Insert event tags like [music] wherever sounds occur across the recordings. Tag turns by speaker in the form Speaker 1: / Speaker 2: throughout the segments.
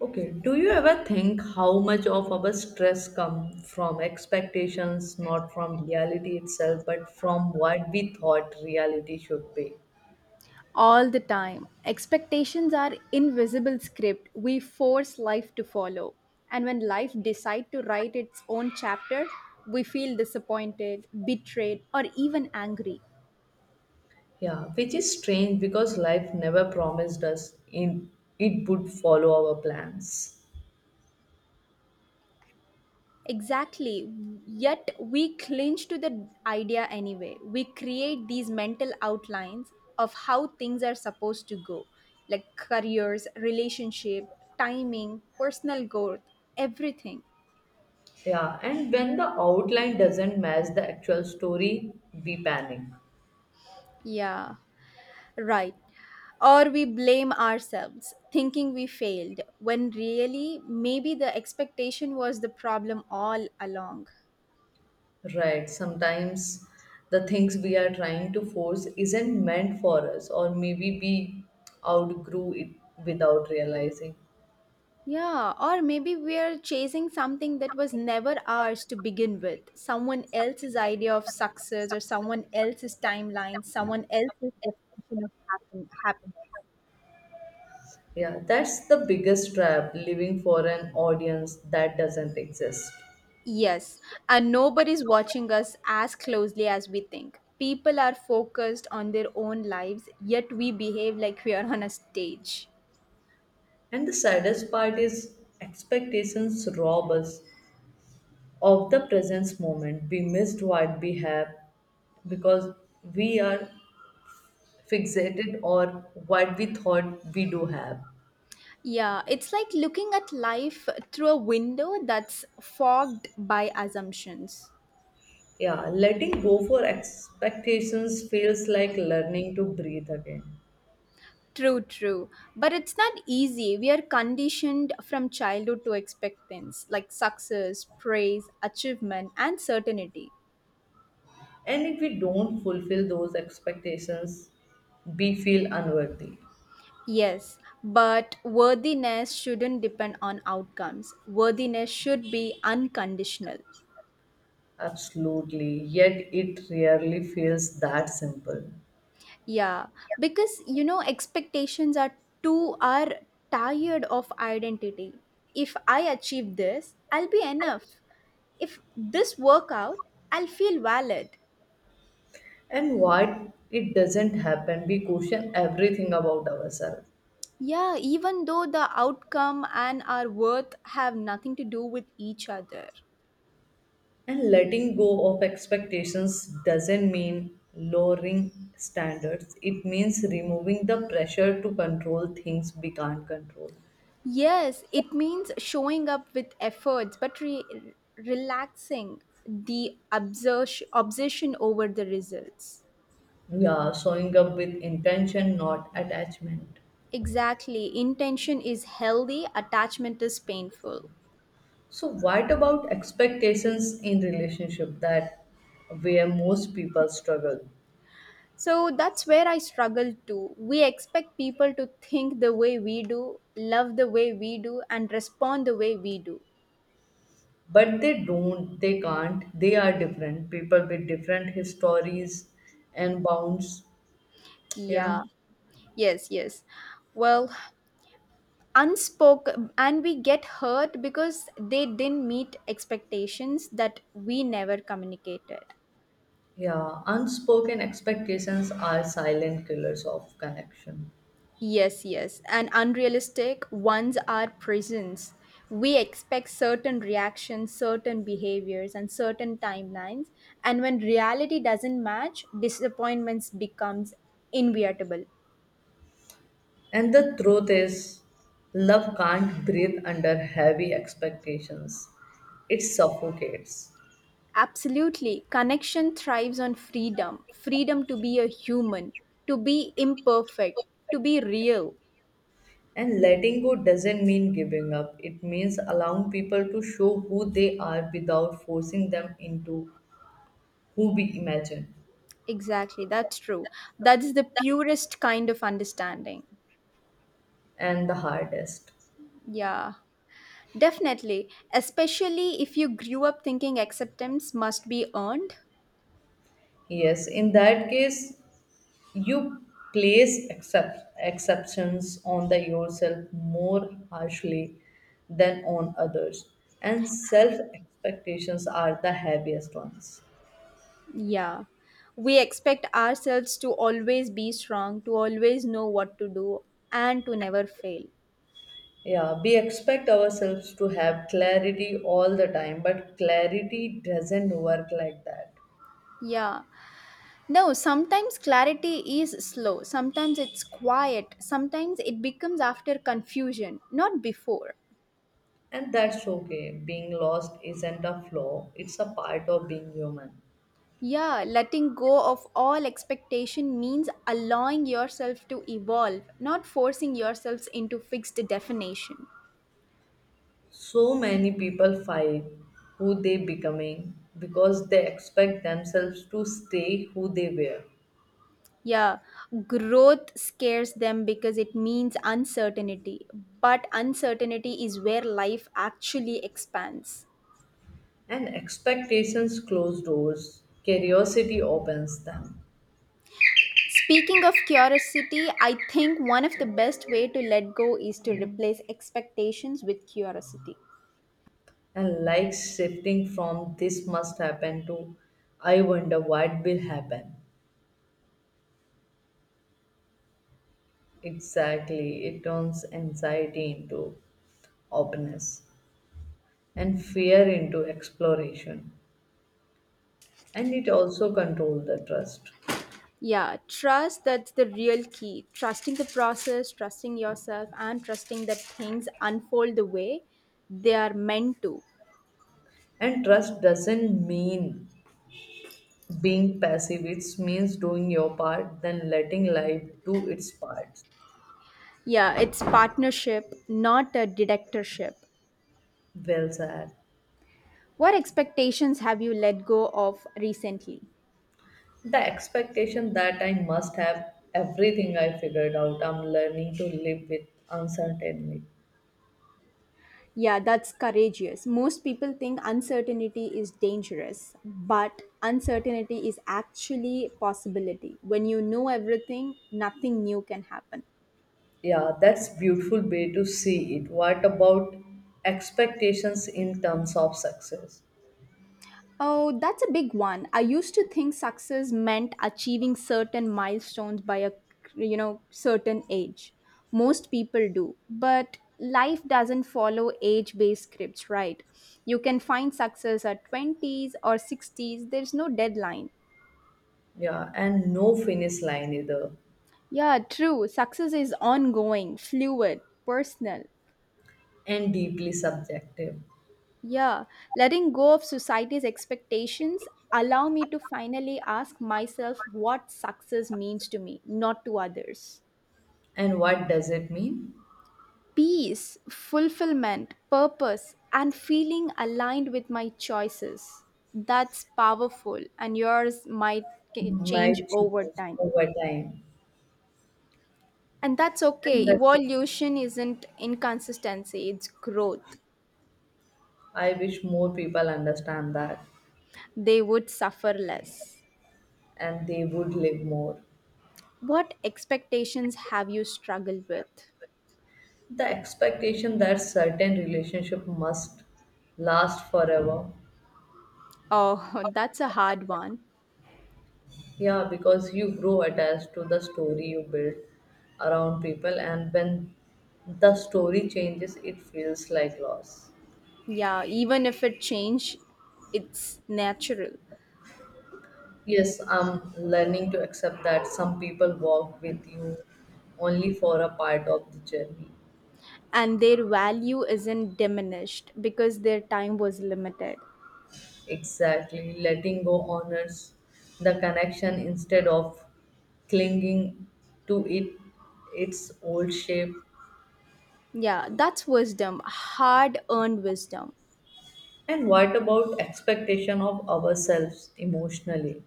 Speaker 1: Okay, do you ever think how much of our stress come from expectations, not from reality itself, but from what we thought reality should be?
Speaker 2: All the time. Expectations are invisible script we force life to follow. And when life decide to write its own chapter, we feel disappointed, betrayed, or even angry.
Speaker 1: Yeah, which is strange because life never promised us in it would follow our plans.
Speaker 2: Exactly. Yet we cling to the idea anyway. We create these mental outlines of how things are supposed to go, like careers, relationship, timing, personal growth, everything.
Speaker 1: Yeah, and when the outline doesn't match the actual story, we panic.
Speaker 2: Yeah. Right. Or we blame ourselves, thinking we failed, when really, maybe the expectation was the problem all along.
Speaker 1: Right. Sometimes the things we are trying to force isn't meant for us, or maybe we outgrew it without realizing.
Speaker 2: Yeah, or maybe we're chasing something that was never ours to begin with someone else's idea of success, or someone else's timeline, someone else's definition of happiness.
Speaker 1: Yeah, that's the biggest trap living for an audience that doesn't exist.
Speaker 2: Yes, and nobody's watching us as closely as we think. People are focused on their own lives, yet we behave like we are on a stage.
Speaker 1: And the saddest part is expectations rob us of the present moment. We missed what we have because we are fixated or what we thought we do have.
Speaker 2: Yeah, it's like looking at life through a window that's fogged by assumptions.
Speaker 1: Yeah, letting go for expectations feels like learning to breathe again.
Speaker 2: True, true. But it's not easy. We are conditioned from childhood to expect things like success, praise, achievement, and certainty.
Speaker 1: And if we don't fulfill those expectations, we feel unworthy.
Speaker 2: Yes, but worthiness shouldn't depend on outcomes. Worthiness should be unconditional.
Speaker 1: Absolutely. Yet it rarely feels that simple.
Speaker 2: Yeah, because expectations are tired of identity. If I achieve this, I'll be enough. If this work out, I'll feel valid.
Speaker 1: And why it doesn't happen, we question everything about ourselves.
Speaker 2: Yeah, even though the outcome and our worth have nothing to do with each other.
Speaker 1: And letting go of expectations doesn't mean lowering standards, it means removing the pressure to control things we can't control.
Speaker 2: Yes, it means showing up with efforts, but relaxing the obsession over the results.
Speaker 1: Yeah, showing up with intention, not attachment.
Speaker 2: Exactly. Intention is healthy, attachment is painful.
Speaker 1: So, what about expectations in relationship that where most people struggle?
Speaker 2: So that's where I struggle too. We expect people to think the way we do, love the way we do, and respond the way we do.
Speaker 1: But they don't, they can't, they are different. People with different histories and bounds, you
Speaker 2: Yeah.
Speaker 1: know.
Speaker 2: Yes, yes. Well, unspoken and we get hurt because they didn't meet expectations that we never communicated.
Speaker 1: Yeah, unspoken expectations are silent killers of connection.
Speaker 2: Yes, yes, and unrealistic ones are prisons. We expect certain reactions, certain behaviors, and certain timelines, and when reality doesn't match, disappointments becomes inevitable.
Speaker 1: And the truth is, love can't breathe under heavy expectations, it suffocates.
Speaker 2: Absolutely. Connection thrives on freedom, freedom to be a human, to be imperfect, to be real.
Speaker 1: And letting go doesn't mean giving up. It means allowing people to show who they are without forcing them into who we imagine.
Speaker 2: Exactly, that's true. That's the purest kind of understanding.
Speaker 1: And the hardest.
Speaker 2: Yeah, definitely. Especially if you grew up thinking acceptance must be earned.
Speaker 1: Yes, in that case, you place accept, exceptions on the yourself more harshly than on others. And self expectations are the heaviest ones.
Speaker 2: Yeah. We expect ourselves to always be strong, to always know what to do, and to never fail.
Speaker 1: Yeah, we expect ourselves to have clarity all the time, but clarity doesn't work like that.
Speaker 2: Yeah. No, sometimes clarity is slow, sometimes it's quiet, sometimes it becomes after confusion, not before.
Speaker 1: And that's okay. Being lost isn't a flaw, it's a part of being human.
Speaker 2: Yeah, letting go of all expectation means allowing yourself to evolve, not forcing yourselves into fixed definition.
Speaker 1: So many people fight who they becoming because they expect themselves to stay who they were.
Speaker 2: Yeah, growth scares them because it means uncertainty, but uncertainty is where life actually expands.
Speaker 1: And expectations close doors, curiosity opens them.
Speaker 2: Speaking of curiosity, I think one of the best way to let go is to replace expectations with curiosity.
Speaker 1: And like shifting from this must happen to I wonder what will happen. Exactly. It turns anxiety into openness and fear into exploration. And it also controls the trust.
Speaker 2: Yeah, trust that's the real key. Trusting the process, trusting yourself, and trusting that things unfold the way they are meant to.
Speaker 1: And trust doesn't mean being passive, it means doing your part, then letting life do its part.
Speaker 2: Yeah, it's partnership, not a dictatorship.
Speaker 1: Well said.
Speaker 2: What expectations have you let go of recently?
Speaker 1: The expectation that I must have everything I figured out, I'm learning to live with uncertainty.
Speaker 2: Yeah, that's courageous. Most people think uncertainty is dangerous, but uncertainty is actually a possibility. When you know everything, nothing new can happen.
Speaker 1: Yeah, that's beautiful way to see it. What about expectations in terms of success?
Speaker 2: Oh, that's a big one. I used to think success meant achieving certain milestones by a certain age. Most people do, but life doesn't follow age-based scripts, right? You can find success at 20s or 60s. There's no deadline.
Speaker 1: Yeah, and no finish line either,
Speaker 2: Yeah, true. Success is ongoing, fluid, personal.
Speaker 1: and deeply subjective.
Speaker 2: Yeah, letting go of society's expectations allow me to finally ask myself what success means to me, not to others.
Speaker 1: And what does it mean?
Speaker 2: Peace, fulfillment, purpose, and feeling aligned with my choices. That's powerful, and yours might change
Speaker 1: Might
Speaker 2: over
Speaker 1: change
Speaker 2: time.
Speaker 1: over time.
Speaker 2: And that's
Speaker 1: And
Speaker 2: okay.
Speaker 1: that's it.
Speaker 2: Evolution isn't inconsistency, it's growth.
Speaker 1: I wish more people understand that,
Speaker 2: They would suffer less.
Speaker 1: and they would live more.
Speaker 2: What expectations have you struggled with?
Speaker 1: The expectation that certain relationship must last forever.
Speaker 2: Oh, [laughs] that's a hard one.
Speaker 1: Yeah, because you grow attached to the story you build around people, and when the story changes, it feels like loss.
Speaker 2: Yeah, even if it change, it's natural.
Speaker 1: Yes, I'm learning to accept that some people walk with you only for a part of the journey.
Speaker 2: And their value isn't diminished because their time was limited.
Speaker 1: Exactly, letting go honors the connection instead of clinging to it its old shape.
Speaker 2: Yeah, that's wisdom, hard earned wisdom.
Speaker 1: And what about expectation of ourselves emotionally?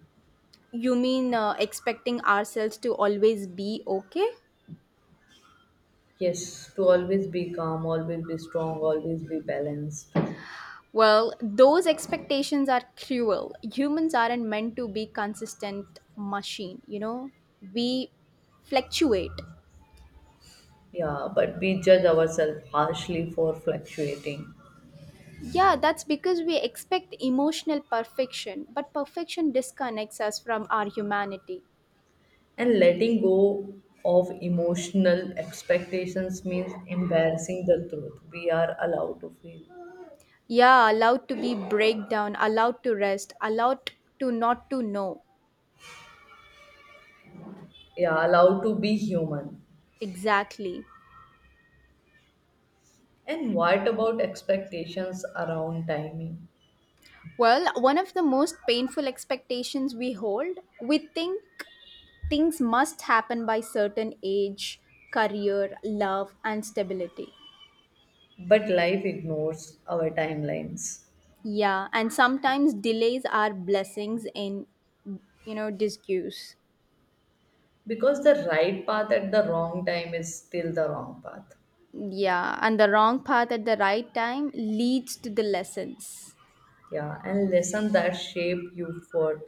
Speaker 2: You mean expecting ourselves to always be okay?
Speaker 1: Yes, to always be calm, always be strong, always be balanced.
Speaker 2: Well, those expectations are cruel. Humans aren't meant to be consistent machine, you know? We fluctuate.
Speaker 1: Yeah, but we judge ourselves harshly for fluctuating.
Speaker 2: Yeah, that's because we expect emotional perfection, but perfection disconnects us from our humanity.
Speaker 1: And letting go of emotional expectations means embarrassing the truth. We are allowed to feel.
Speaker 2: Yeah, allowed to be breakdown, allowed to rest, allowed to not to know.
Speaker 1: Yeah, allowed to be human.
Speaker 2: Exactly.
Speaker 1: And what about expectations around timing?
Speaker 2: Well, one of the most painful expectations we hold, we think things must happen by certain age, career, love, and stability.
Speaker 1: But life ignores our timelines
Speaker 2: Yeah, and sometimes delays are blessings in disguise.
Speaker 1: because the right path at the wrong time is still the wrong path.
Speaker 2: Yeah, and the wrong path at the right time leads to the lessons.
Speaker 1: Yeah, and lessons that shape you for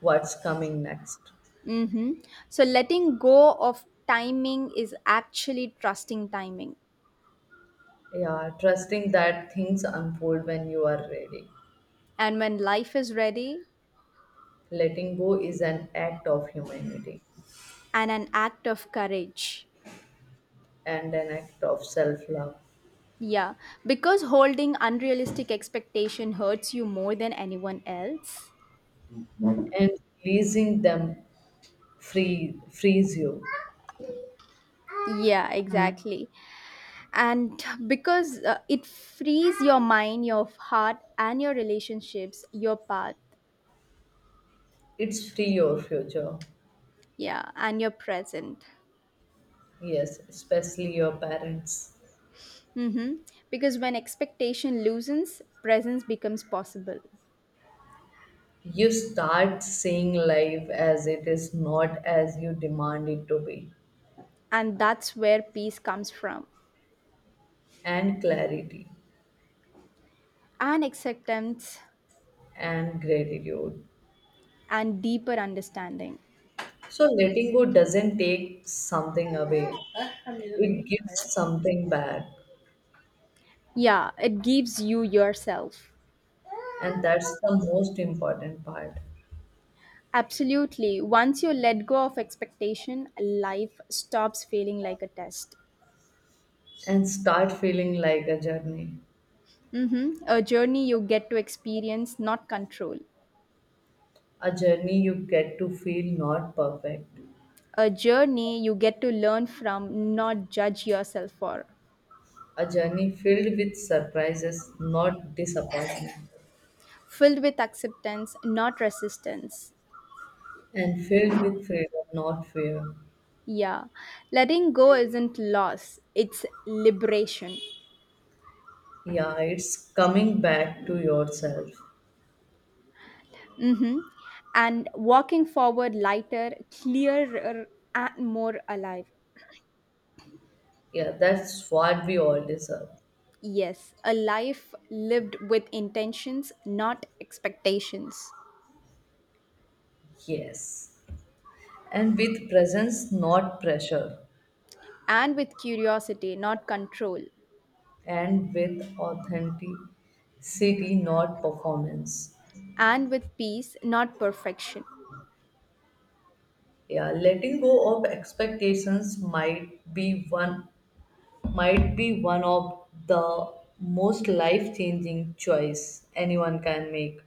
Speaker 1: what's coming next.
Speaker 2: Mm-hmm. So, letting go of timing is actually trusting timing.
Speaker 1: Yeah, trusting that things unfold when you are ready.
Speaker 2: And when life is ready,
Speaker 1: Letting go is an act of humanity
Speaker 2: and an act of courage.
Speaker 1: and an act of self-love,
Speaker 2: Yeah, because holding unrealistic expectation hurts you more than anyone else.
Speaker 1: and releasing them free frees you.
Speaker 2: Yeah, exactly. And because it frees your mind, your heart, and your relationships, your path.
Speaker 1: It's free your future.
Speaker 2: Yeah, and your present.
Speaker 1: Yes, especially your parents.
Speaker 2: Mm-hmm. Because when expectation loosens, presence becomes possible.
Speaker 1: You start seeing life as it is, not as you demand it to be,
Speaker 2: And that's where peace comes from.
Speaker 1: and clarity
Speaker 2: And acceptance
Speaker 1: and gratitude.
Speaker 2: and deeper understanding.
Speaker 1: So letting go doesn't take something away, it gives something back.
Speaker 2: Yeah, it gives you yourself.
Speaker 1: And that's the most important part.
Speaker 2: Absolutely. Once you let go of expectation, life stops feeling like a test.
Speaker 1: And start feeling like a journey.
Speaker 2: Mm-hmm. A journey you get to experience, not control.
Speaker 1: A journey you get to feel not perfect.
Speaker 2: A journey you get to learn from, not judge yourself for.
Speaker 1: A journey filled with surprises, not disappointment.
Speaker 2: Filled with acceptance, not resistance.
Speaker 1: And filled with freedom, not fear.
Speaker 2: Yeah, letting go isn't loss, it's liberation.
Speaker 1: Yeah, it's coming back to yourself.
Speaker 2: hmm And walking forward lighter, clearer, and more alive.
Speaker 1: Yeah, that's what we all deserve.
Speaker 2: Yes, a life lived with intentions, not expectations.
Speaker 1: Yes. And with presence, not pressure.
Speaker 2: And with curiosity, not control.
Speaker 1: And with authenticity, not performance.
Speaker 2: And with peace, not perfection.
Speaker 1: Yeah, letting go of expectations might be one of the most life-changing choice anyone can make,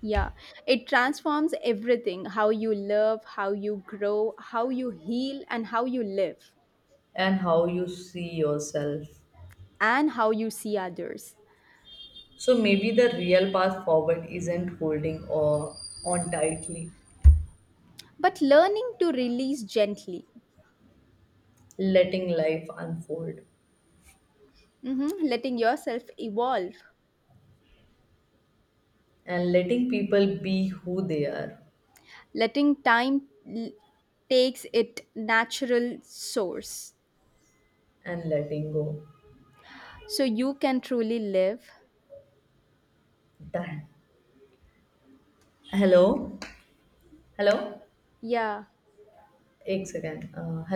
Speaker 2: Yeah, it transforms everything, how you love, how you grow, how you heal, and how you live,
Speaker 1: and how you see yourself.
Speaker 2: and how you see others.
Speaker 1: So maybe the real path forward isn't holding or on tightly,
Speaker 2: But learning to release gently.
Speaker 1: letting life unfold
Speaker 2: Mhm. Letting yourself evolve,
Speaker 1: and letting people be who they are
Speaker 2: letting time l- takes it natural source,
Speaker 1: and letting go.
Speaker 2: so you can truly live.
Speaker 1: Done. Hello? Hello?
Speaker 2: Yeah.
Speaker 1: Ek second.